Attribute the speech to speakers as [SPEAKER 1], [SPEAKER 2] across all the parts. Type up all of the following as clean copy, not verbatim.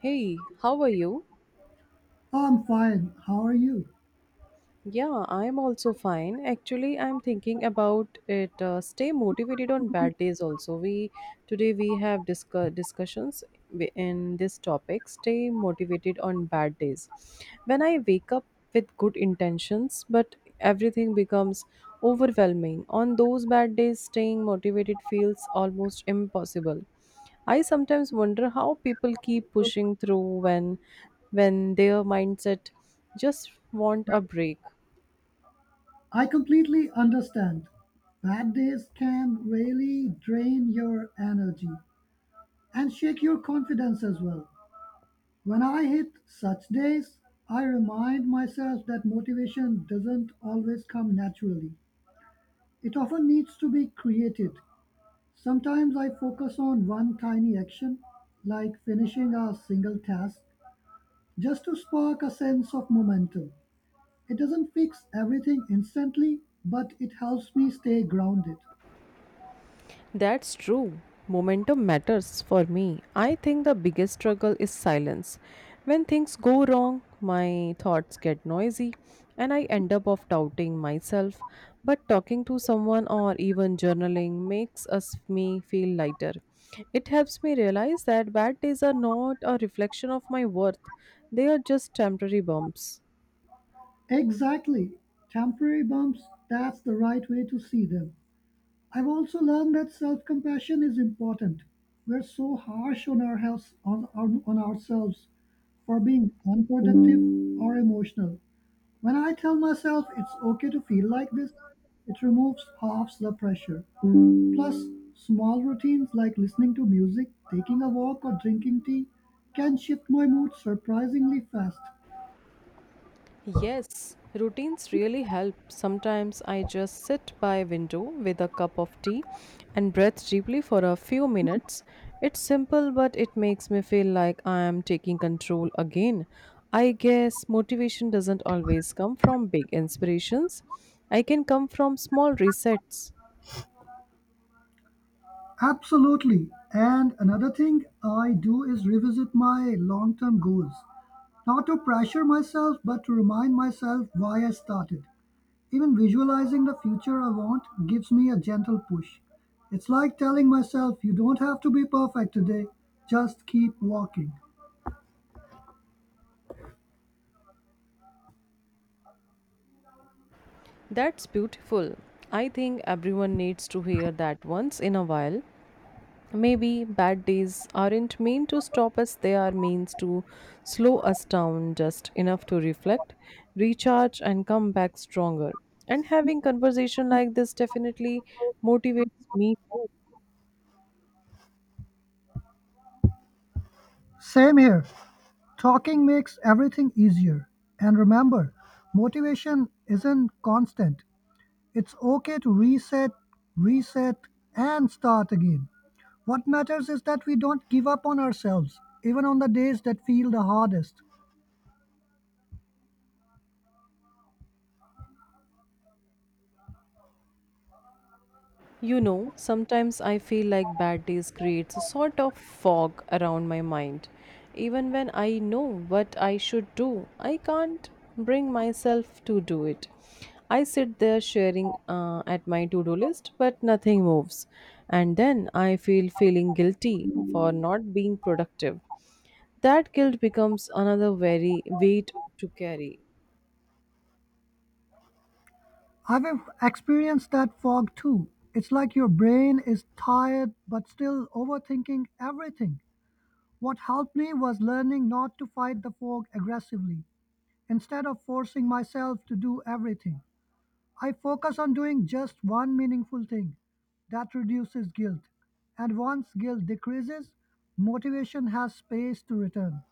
[SPEAKER 1] Hey, how are you?
[SPEAKER 2] I'm fine. How are you?
[SPEAKER 1] Yeah, I'm also fine. Actually, I'm thinking about it. Stay motivated on bad days. Also, we today we have discussions in this topic. Stay motivated on bad days. When I wake up with good intentions, but everything becomes overwhelming. On those bad days, staying motivated feels almost impossible. I sometimes wonder how people keep pushing through when their mindset just want a break.
[SPEAKER 2] I completely understand. Bad days can really drain your energy and shake your confidence as well. When I hit such days, I remind myself that motivation doesn't always come naturally. It often needs to be created. Sometimes I focus on one tiny action, like finishing a single task, just to spark a sense of momentum. It doesn't fix everything instantly, but it helps me stay grounded.
[SPEAKER 1] That's true. Momentum matters for me. I think the biggest struggle is silence. When things go wrong, my thoughts get noisy and I end up of doubting myself. But talking to someone or even journaling makes us me feel lighter. It helps me realize that bad days are not a reflection of my worth. They are just temporary bumps.
[SPEAKER 2] Exactly. Temporary bumps, that's the right way to see them. I've also learned that self-compassion is important. We're so harsh on our health, on ourselves for being unproductive or emotional. When I tell myself it's okay to feel like this, it removes half the pressure. Plus, small routines like listening to music, taking a walk, or drinking tea can shift my mood surprisingly fast.
[SPEAKER 1] Yes, routines really help. Sometimes I just sit by a window with a cup of tea and breathe deeply for a few minutes. It's simple, but it makes me feel like I am taking control again. I guess motivation doesn't always come from big inspirations, I can come from small resets.
[SPEAKER 2] Absolutely. And another thing I do is revisit my long term goals. Not to pressure myself, but to remind myself why I started. Even visualizing the future I want gives me a gentle push. It's like telling myself, you don't have to be perfect today, just keep walking.
[SPEAKER 1] That's beautiful. I think everyone needs to hear that once in a while. Maybe bad days aren't meant to stop us, they are means to slow us down just enough to reflect, recharge, and come back stronger. And having conversation like this definitely motivates me too.
[SPEAKER 2] Same here. Talking makes everything easier. And remember, motivation isn't constant. It's okay to reset, and start again. What matters is that we don't give up on ourselves, even on the days that feel the hardest.
[SPEAKER 1] You know, sometimes I feel like bad days creates a sort of fog around my mind. Even when I know what I should do, I can't bring myself to do it. I sit there sharing at my to-do list, but nothing moves. And then I feel feeling guilty for not being productive. That guilt becomes another very weight to carry.
[SPEAKER 2] I've experienced that fog too. It's like your brain is tired but still overthinking everything. What helped me was learning not to fight the fog aggressively, instead of forcing myself to do everything. I focus on doing just one meaningful thing that reduces guilt. And once guilt decreases, motivation has space to return.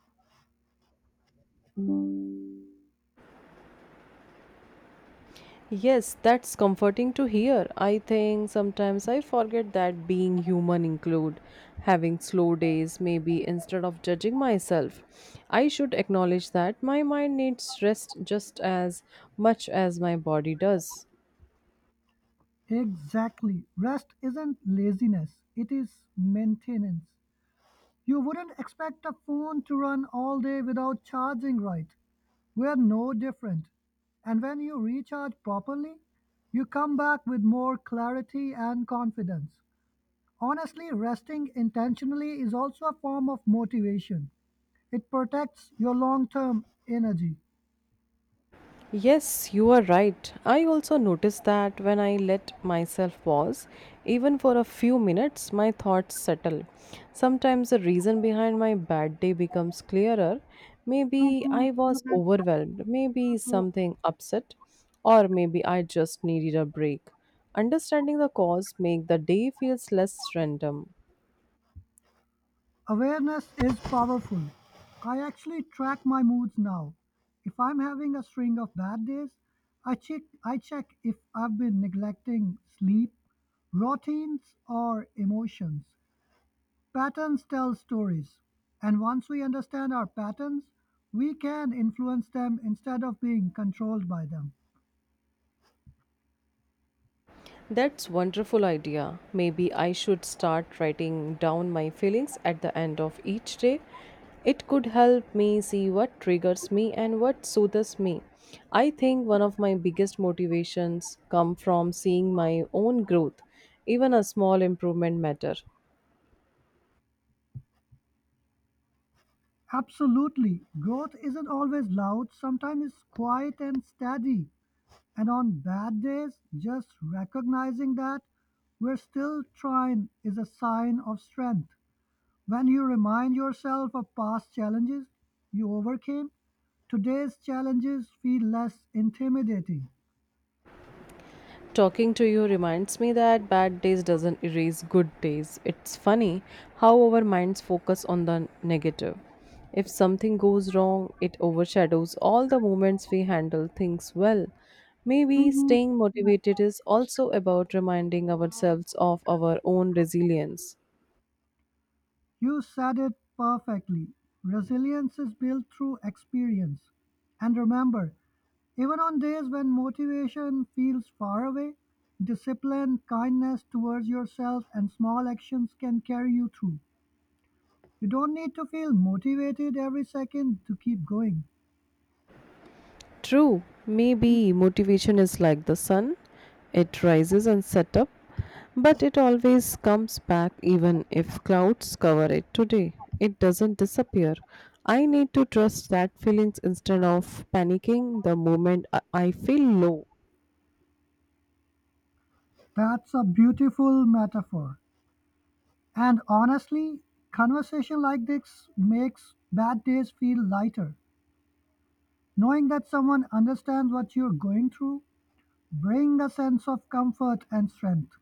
[SPEAKER 1] Yes, that's comforting to hear. I think sometimes I forget that being human include having slow days maybe instead of judging myself. I should acknowledge that my mind needs rest just as much as my body does.
[SPEAKER 2] Exactly. Rest isn't laziness, it is maintenance. You wouldn't expect a phone to run all day without charging right. We're no different. And when you recharge properly, you come back with more clarity and confidence. Honestly, resting intentionally is also a form of motivation. It protects your long-term energy.
[SPEAKER 1] Yes, you are right. I also noticed that when I let myself pause, even for a few minutes, my thoughts settle. Sometimes the reason behind my bad day becomes clearer. Maybe I was overwhelmed, maybe something upset, or maybe I just needed a break. Understanding the cause make the day feels less random.
[SPEAKER 2] Awareness is powerful. I actually track my moods now. If I'm having a string of bad days, I check if I've been neglecting sleep, routines or emotions. Patterns tell stories, and once we understand our patterns, we can influence them instead of being controlled by them.
[SPEAKER 1] That's wonderful idea. Maybe I should start writing down my feelings at the end of each day. It could help me see what triggers me and what soothes me. I think one of my biggest motivations come from seeing my own growth. Even a small improvement matter.
[SPEAKER 2] Absolutely. Growth isn't always loud, sometimes it's quiet and steady. And on bad days, just recognizing that we're still trying is a sign of strength. When you remind yourself of past challenges you overcame, today's challenges feel less intimidating.
[SPEAKER 1] Talking to you reminds me that bad days doesn't erase good days. It's funny how our minds focus on the negative. If something goes wrong, it overshadows all the moments we handle things well. Maybe staying motivated is also about reminding ourselves of our own resilience.
[SPEAKER 2] You said it perfectly. Resilience is built through experience. And remember, even on days when motivation feels far away, discipline, kindness towards yourself, and small actions can carry you through. You don't need to feel motivated every second to keep going.
[SPEAKER 1] True, maybe motivation is like the sun. It rises and sets up, but it always comes back even if clouds cover it today. It doesn't disappear. I need to trust that feelings instead of panicking the moment I feel low.
[SPEAKER 2] That's a beautiful metaphor. And honestly, conversation like this makes bad days feel lighter. Knowing that someone understands what you're going through brings a sense of comfort and strength.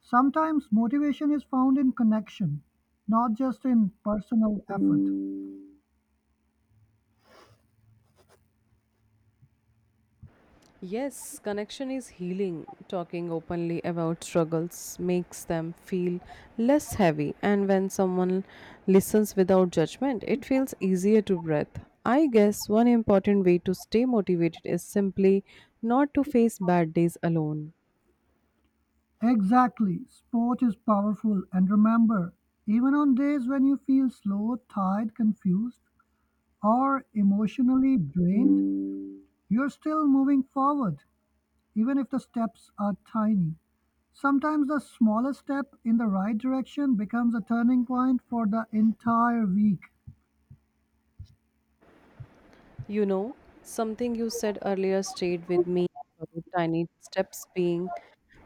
[SPEAKER 2] Sometimes motivation is found in connection, not just in personal effort.
[SPEAKER 1] Yes, connection is healing. Talking openly about struggles makes them feel less heavy, and when someone listens without judgment, it feels easier to breathe. I guess one important way to stay motivated is simply not to face bad days alone.
[SPEAKER 2] Exactly. Sport is powerful. And remember, even on days when you feel slow, tired, confused, or emotionally drained, you're still moving forward, even if the steps are tiny. Sometimes the smallest step in the right direction becomes a turning point for the entire week.
[SPEAKER 1] You know, something you said earlier stayed with me about tiny steps being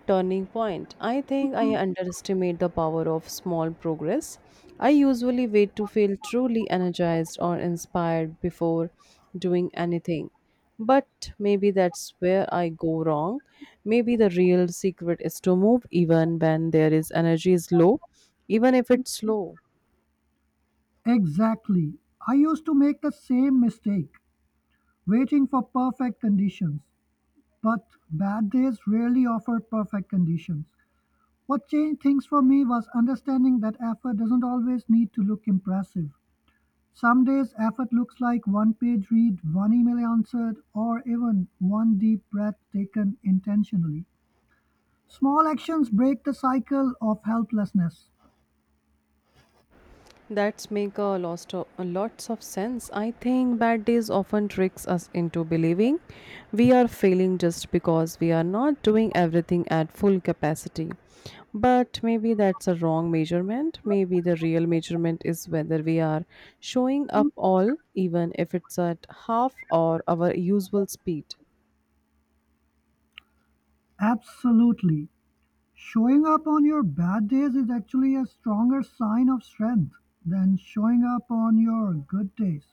[SPEAKER 1] turning point. I think I underestimate the power of small progress. I usually wait to feel truly energized or inspired before doing anything. But maybe that's where I go wrong. Maybe the real secret is to move even when there is energy is low, even if it's slow.
[SPEAKER 2] Exactly. I used to make the same mistake, waiting for perfect conditions. But bad days rarely offer perfect conditions. What changed things for me was understanding that effort doesn't always need to look impressive. Some days effort looks like one page read, one email answered, or even one deep breath taken intentionally. Small actions break the cycle of helplessness.
[SPEAKER 1] That's make a lot of lots of sense. I think bad days often tricks us into believing we are failing just because we are not doing everything at full capacity. But maybe that's a wrong measurement. Maybe the real measurement is whether we are showing up all, even if it's at half or our usual speed.
[SPEAKER 2] Absolutely. Showing up on your bad days is actually a stronger sign of strength than showing up on your good days.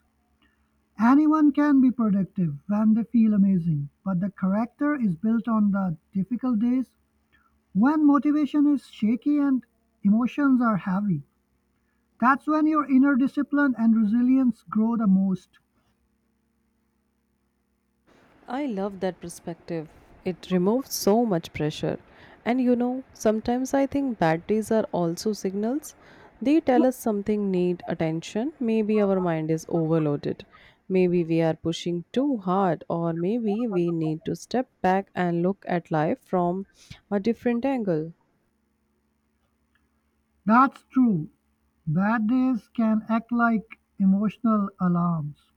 [SPEAKER 2] Anyone can be productive when they feel amazing, but the character is built on the difficult days when motivation is shaky and emotions are heavy. That's when your inner discipline and resilience grow the most.
[SPEAKER 1] I love that perspective. It removes so much pressure. And you know, sometimes I think bad days are also signals. They tell us something need attention. Maybe our mind is overloaded. Maybe we are pushing too hard, or maybe we need to step back and look at life from a different angle.
[SPEAKER 2] That's true. Bad days can act like emotional alarms.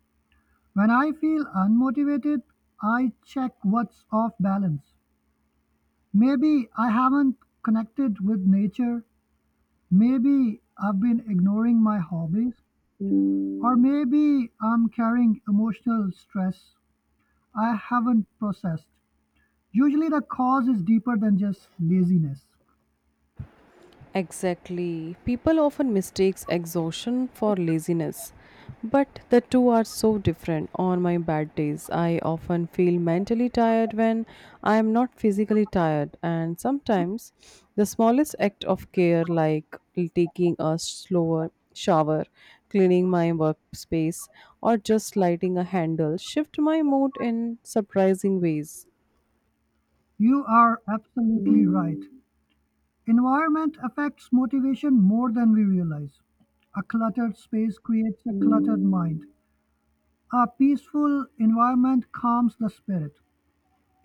[SPEAKER 2] When I feel unmotivated, I check what's off balance. Maybe I haven't connected with nature. Maybe I've been ignoring my hobbies. Or maybe I'm carrying emotional stress I haven't processed. Usually, the cause is deeper than just laziness.
[SPEAKER 1] Exactly. People often mistakes exhaustion for laziness, but the two are so different. On my bad days, I often feel mentally tired when I am not physically tired, and sometimes the smallest act of care like taking a slower shower, cleaning my workspace, or just lighting a handle shift my mood in surprising ways.
[SPEAKER 2] You are absolutely right. Environment affects motivation more than we realize. A cluttered space creates a cluttered mind. A peaceful environment calms the spirit.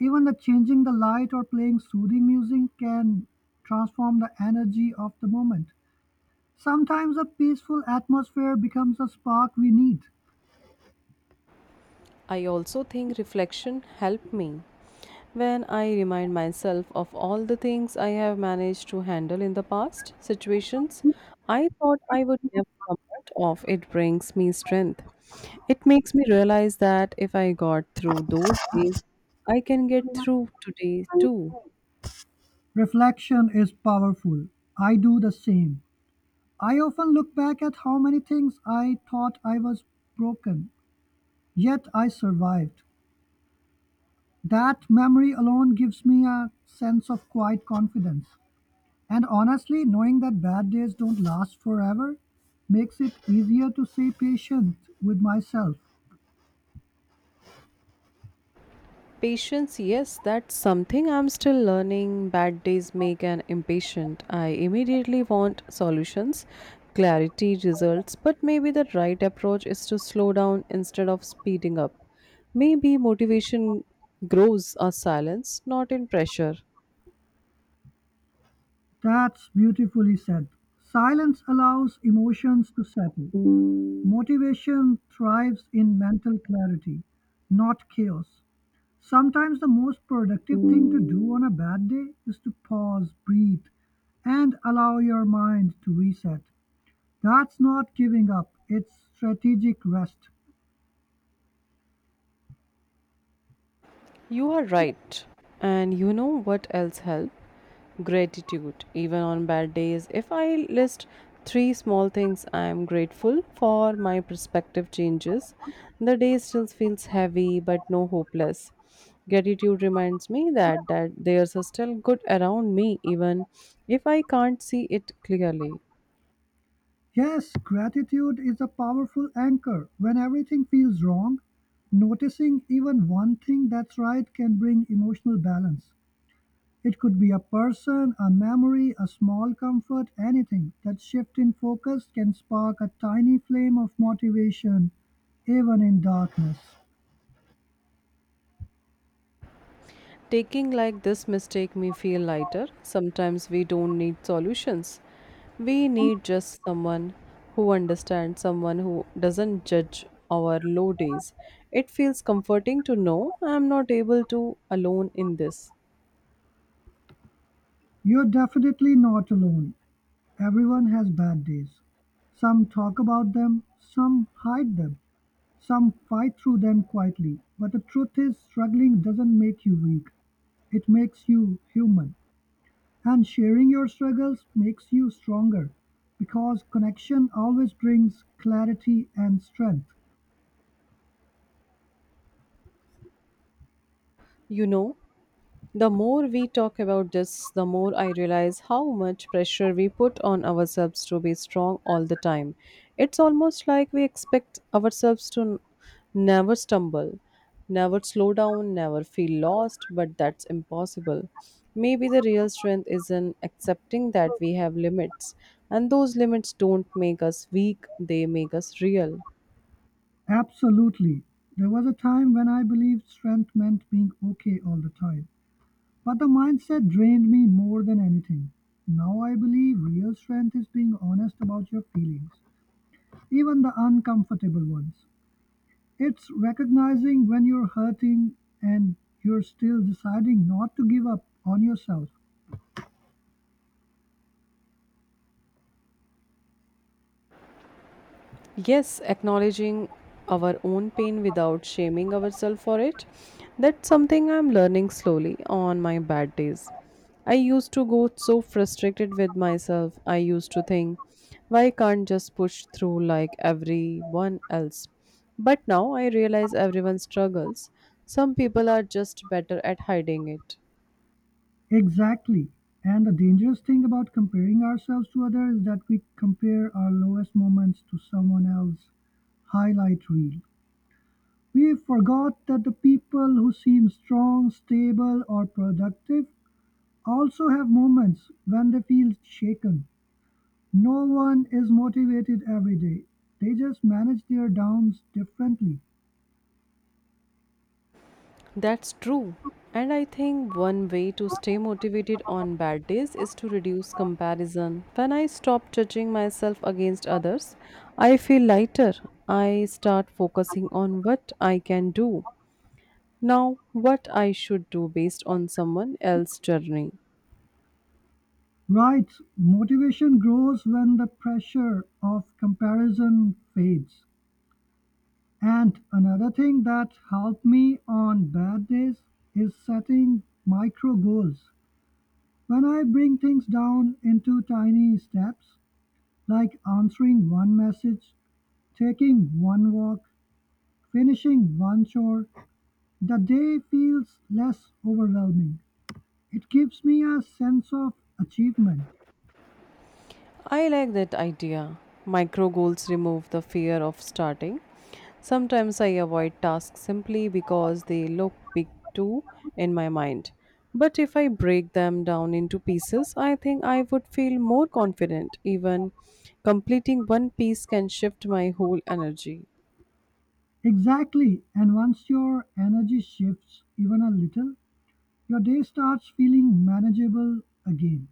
[SPEAKER 2] Even the changing the light or playing soothing music can transform the energy of the moment. Sometimes a peaceful atmosphere becomes a spark we need.
[SPEAKER 1] I also think reflection helped me. When I remind myself of all the things I have managed to handle in the past, situations I thought I would never come out of, it brings me strength. It makes me realize that if I got through those days, I can get through today too.
[SPEAKER 2] Reflection is powerful. I do the same. I often look back at how many things I thought I was broken, yet I survived. That memory alone gives me a sense of quiet confidence. And honestly, knowing that bad days don't last forever makes it easier to stay patient with myself.
[SPEAKER 1] Patience, yes, that's something I'm still learning. Bad days make an impatient. I immediately want solutions, clarity, results, but maybe the right approach is to slow down instead of speeding up. Maybe motivation grows our silence, not in pressure.
[SPEAKER 2] That's beautifully said. Silence allows emotions to settle. Motivation thrives in mental clarity, not chaos. Sometimes the most productive thing to do on a bad day is to pause, breathe, and allow your mind to reset. That's not giving up, it's strategic rest.
[SPEAKER 1] You are right. And you know what else helps? Gratitude. Even on bad days, if I list three small things I am grateful for, my perspective changes. The day still feels heavy but no hopeless. Gratitude reminds me that there's a still good around me even if I can't see it clearly.
[SPEAKER 2] Yes, gratitude is a powerful anchor. When everything feels wrong, noticing even one thing that's right can bring emotional balance. It could be a person, a memory, a small comfort, anything. That shift in focus can spark a tiny flame of motivation, even in darkness.
[SPEAKER 1] Taking like this mistake me feel lighter. Sometimes we don't need solutions. We need just someone who understands, someone who doesn't judge our low days. It feels comforting to know I am not able to alone in this.
[SPEAKER 2] You're definitely not alone. Everyone has bad days. Some talk about them, some hide them. Some fight through them quietly, but the truth is struggling doesn't make you weak, it makes you human. And sharing your struggles makes you stronger because connection always brings clarity and strength.
[SPEAKER 1] You know, the more we talk about this, the more I realize how much pressure we put on ourselves to be strong all the time. It's almost like we expect ourselves to never stumble, never slow down, never feel lost, but that's impossible. Maybe the real strength is in accepting that we have limits, and those limits don't make us weak, they make us real.
[SPEAKER 2] Absolutely. There was a time when I believed strength meant being okay all the time, but the mindset drained me more than anything. Now I believe real strength is being honest about your feelings, even the uncomfortable ones. It's recognizing when you're hurting and you're still deciding not to give up on yourself.
[SPEAKER 1] Yes, acknowledging our own pain without shaming ourselves for it. That's something I'm learning slowly on my bad days. I used to go so frustrated with myself. I used to think, why can't just push through like everyone else? But now I realize everyone struggles. Some people are just better at hiding it.
[SPEAKER 2] Exactly. And the dangerous thing about comparing ourselves to others is that we compare our lowest moments to someone else's highlight reel. We forgot that the people who seem strong, stable, or productive also have moments when they feel shaken. No one is motivated every day, they just manage their downs differently.
[SPEAKER 1] That's true. And I think one way to stay motivated on bad days is to reduce comparison. When I stop judging myself against others, I feel lighter. I start focusing on what I can do. Now, what I should do based on someone else's journey.
[SPEAKER 2] Right, motivation grows when the pressure of comparison fades. And another thing that helped me on bad days is setting micro goals. When I bring things down into tiny steps, like answering one message, taking one walk, finishing one chore, the day feels less overwhelming. It gives me a sense of achievement.
[SPEAKER 1] I like that idea. Micro goals remove the fear of starting. Sometimes I avoid tasks simply because they look big too in my mind. But if I break them down into pieces, I think I would feel more confident. Even completing one piece can shift my whole energy.
[SPEAKER 2] Exactly, and once your energy shifts even a little, your day starts feeling manageable again.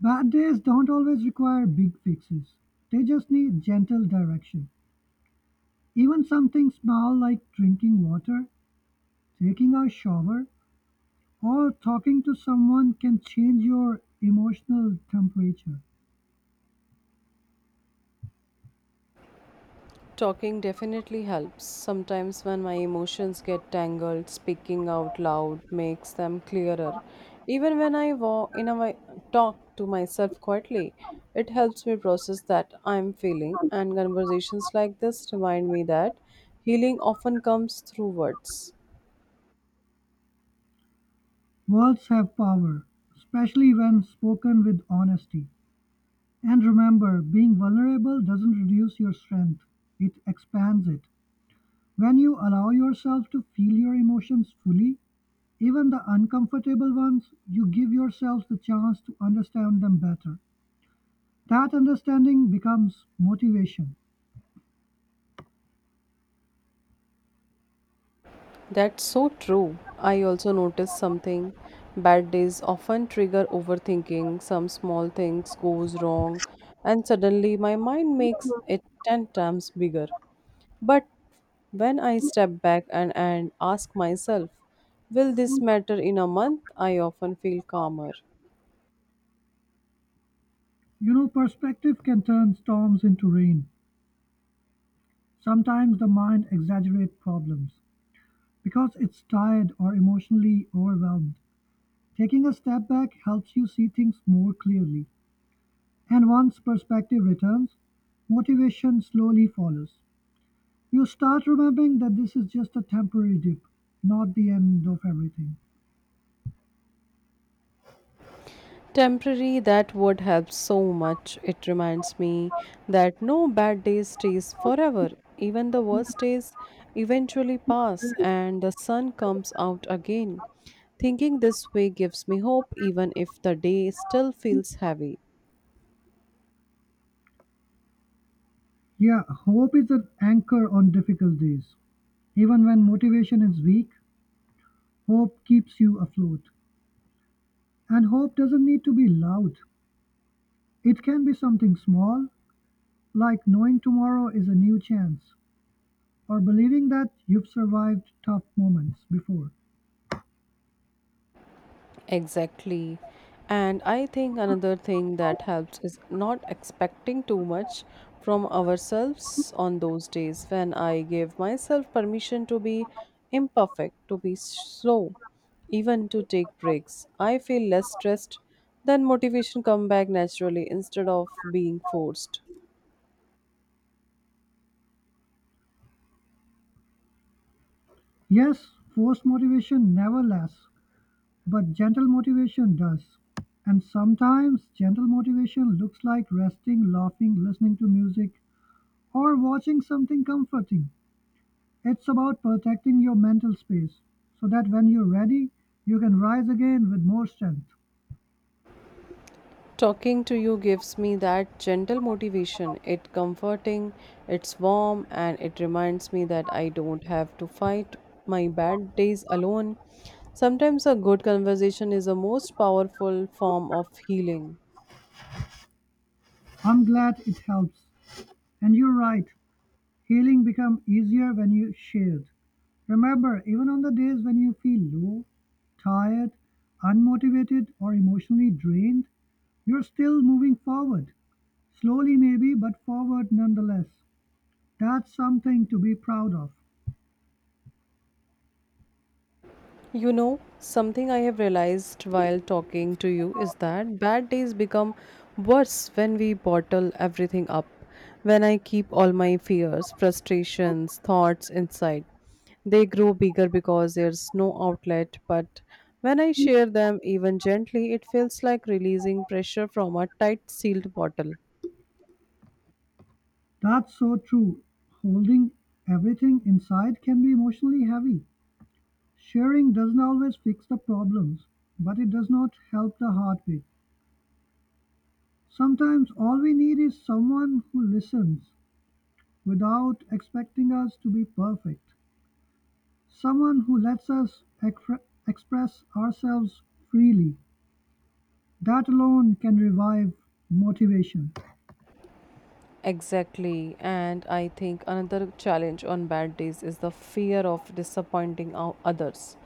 [SPEAKER 2] Bad days don't always require big fixes, they just need gentle direction. Even something small like drinking water, taking a shower, or talking to someone can change your emotional temperature.
[SPEAKER 1] Talking definitely helps. Sometimes, when my emotions get tangled, speaking out loud makes them clearer. Even when I walk in a way, talk to myself quietly, it helps me process that I'm feeling. And conversations like this remind me that healing often comes through words.
[SPEAKER 2] Words have power, especially when spoken with honesty. And remember, being vulnerable doesn't reduce your strength, it expands it. When you allow yourself to feel your emotions fully, even the uncomfortable ones, you give yourself the chance to understand them better. That understanding becomes motivation.
[SPEAKER 1] That's so true. I also noticed something. Bad days often trigger overthinking. Some small things goes wrong and suddenly my mind makes it 10 times bigger. But when I step back and ask myself, will this matter in a month? I often feel calmer.
[SPEAKER 2] You know, perspective can turn storms into rain. Sometimes the mind exaggerates problems because it's tired or emotionally overwhelmed. Taking a step back helps you see things more clearly. And once perspective returns, motivation slowly follows. You start remembering that this is just a temporary dip, not the end of everything.
[SPEAKER 1] Temporary, that word helps so much. It reminds me that no bad day stays forever. Even the worst days eventually pass and the sun comes out again. Thinking this way gives me hope, even if the day still feels heavy.
[SPEAKER 2] Yeah, hope is an anchor on difficult days. Even when motivation is weak, hope keeps you afloat. And hope doesn't need to be loud, it can be something small, like knowing tomorrow is a new chance, or believing that you've survived tough moments before.
[SPEAKER 1] Exactly. And I think another thing that helps is not expecting too much from ourselves on those days when I give myself permission to be imperfect, to be slow, even to take breaks. I feel less stressed, then motivation come back naturally instead of being forced.
[SPEAKER 2] Yes, forced motivation never lasts, But gentle motivation does. And sometimes gentle motivation looks like resting, laughing, listening to music, or watching something comforting. It's about protecting your mental space so that when you're ready, you can rise again with more strength.
[SPEAKER 1] Talking to you gives me that gentle motivation. It's comforting, it's warm, and it reminds me that I don't have to fight my bad days alone. Sometimes a good conversation is the most powerful form of healing.
[SPEAKER 2] I'm glad it helps. And you're right, healing becomes easier when you shared. Remember, even on the days when you feel low, tired, unmotivated, or emotionally drained, you're still moving forward. Slowly maybe, but forward nonetheless. That's something to be proud of.
[SPEAKER 1] You know, something I have realized while talking to you is that bad days become worse when we bottle everything up. When I keep all my fears, frustrations, thoughts inside, they grow bigger because there's no outlet. But when I share them, even gently, it feels like releasing pressure from a tight sealed bottle.
[SPEAKER 2] That's so true. Holding everything inside can be emotionally heavy. Sharing doesn't always fix the problems, but it does not help the heartbeat. Sometimes all we need is someone who listens without expecting us to be perfect, someone who lets us express ourselves freely. That alone can revive motivation.
[SPEAKER 1] Exactly. And I think another challenge on bad days is the fear of disappointing others,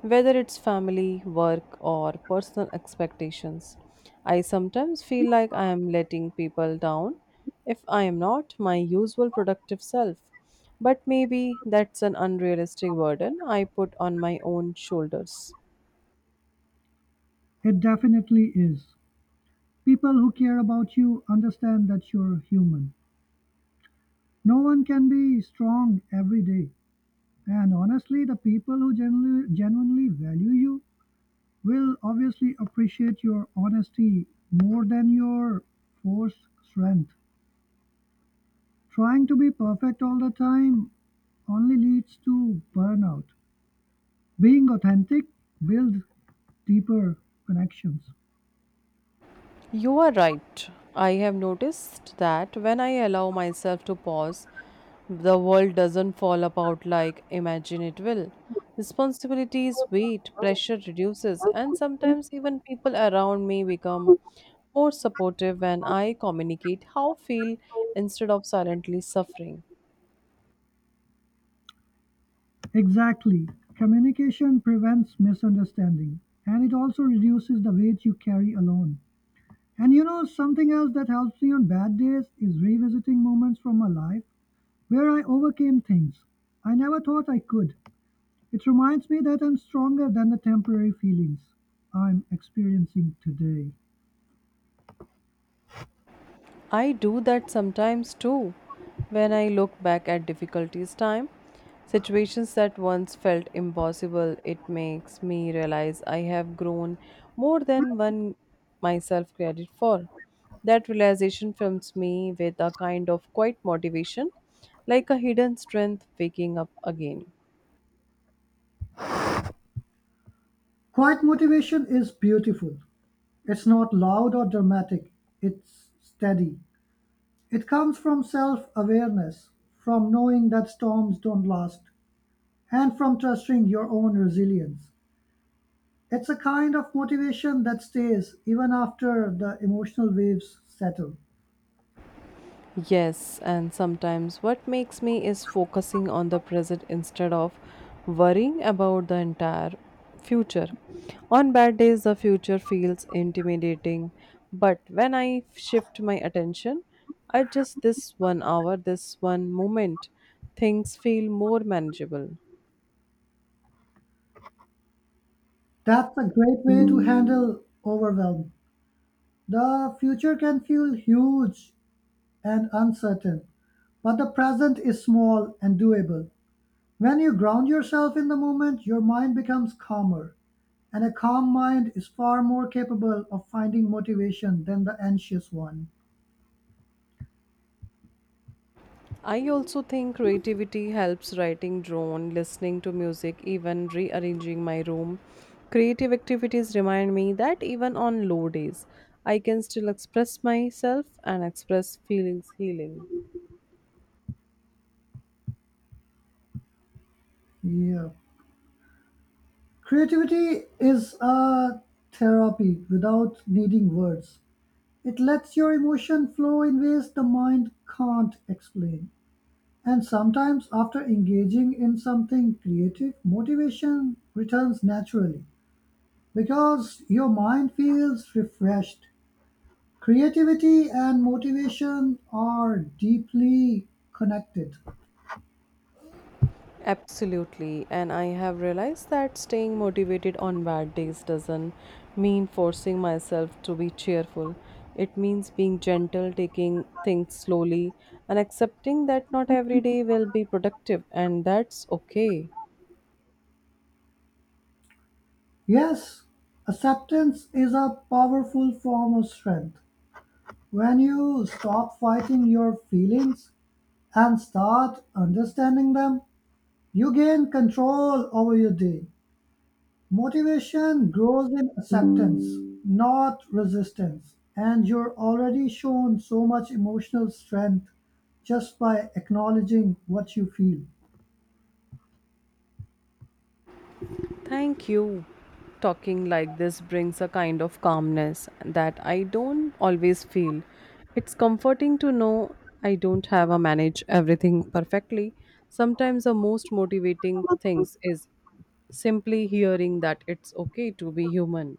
[SPEAKER 1] whether it's family, work, or personal expectations. I sometimes feel like I am letting people down if I am not my usual productive self. But maybe that's an unrealistic burden I put on my own shoulders.
[SPEAKER 2] It definitely is. People who care about you understand that you're human. No one can be strong every day. And honestly, the people who genuinely value you will obviously appreciate your honesty more than your forced strength. Trying to be perfect all the time only leads to burnout. Being authentic builds deeper connections.
[SPEAKER 1] You are right. I have noticed that when I allow myself to pause, the world doesn't fall apart like imagine it will. Responsibilities weight, pressure reduces, and sometimes even people around me become more supportive when I communicate how I feel instead of silently suffering.
[SPEAKER 2] Exactly, communication prevents misunderstanding and it also reduces the weight you carry alone. And you know, something else that helps me on bad days is revisiting moments from my life where I overcame things I never thought I could. It reminds me that I'm stronger than the temporary feelings I'm experiencing today.
[SPEAKER 1] I do that sometimes too. When I look back at difficulties time, situations that once felt impossible, it makes me realize I have grown more than one myself credit for. That realization fills me with a kind of quiet motivation, like a hidden strength waking up again.
[SPEAKER 2] Quiet motivation is beautiful. It's not loud or dramatic, it's steady. It comes from self-awareness, from knowing that storms don't last, and from trusting your own resilience. It's a kind of motivation that stays even after the emotional waves settle.
[SPEAKER 1] Yes, and sometimes what makes me is focusing on the present instead of worrying about the entire future. On bad days, the future feels intimidating, but when I shift my attention, I just this one hour, this one moment, things feel more manageable.
[SPEAKER 2] That's a great way to handle overwhelm. The future can feel huge and uncertain, but the present is small and doable. When you ground yourself in the moment, your mind becomes calmer. And a calm mind is far more capable of finding motivation than the anxious one.
[SPEAKER 1] I also think creativity helps writing drone, listening to music, even rearranging my room. Creative activities remind me that even on low days, I can still express myself and express feelings healing.
[SPEAKER 2] Yeah. Creativity is a therapy without needing words. It lets your emotion flow in ways the mind can't explain. And sometimes, after engaging in something creative, motivation returns naturally because your mind feels refreshed. Creativity and motivation are deeply connected.
[SPEAKER 1] Absolutely, and I have realized that staying motivated on bad days doesn't mean forcing myself to be cheerful. It means being gentle, taking things slowly, and accepting that not every day will be productive, and that's okay.
[SPEAKER 2] Yes, acceptance is a powerful form of strength. When you stop fighting your feelings and start understanding them, you gain control over your day. Motivation grows in acceptance, not resistance. And you're already shown so much emotional strength just by acknowledging what you feel.
[SPEAKER 1] Thank you. Talking like this brings a kind of calmness that I don't always feel. It's comforting to know I don't have a manage everything perfectly. Sometimes the most motivating things is simply hearing that it's okay to be human.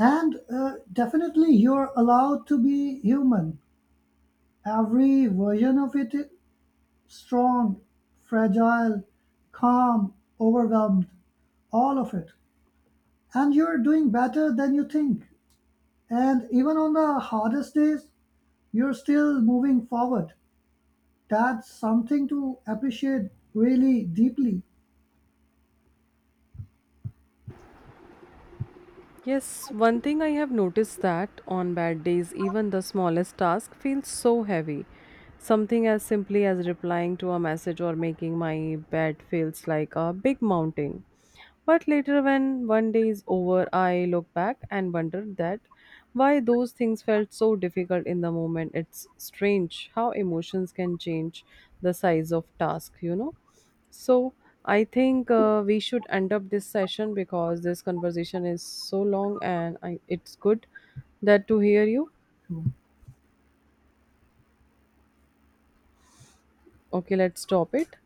[SPEAKER 2] And definitely, you're allowed to be human. Every version of it Strong, fragile, calm, overwhelmed, all of it. And you're doing better than you think. And even on the hardest days, you're still moving forward. That's something to appreciate really deeply.
[SPEAKER 1] Yes, one thing I have noticed that on bad days, even the smallest task feels so heavy. Something as simply as replying to a message or making my bed feels like a big mountain. But later, when one day is over, I look back and wonder that why those things felt so difficult in the moment. It's strange how emotions can change the size of task, you know. So I think we should end up this session because this conversation is so long and I, it's good that to hear you. Okay, let's stop it.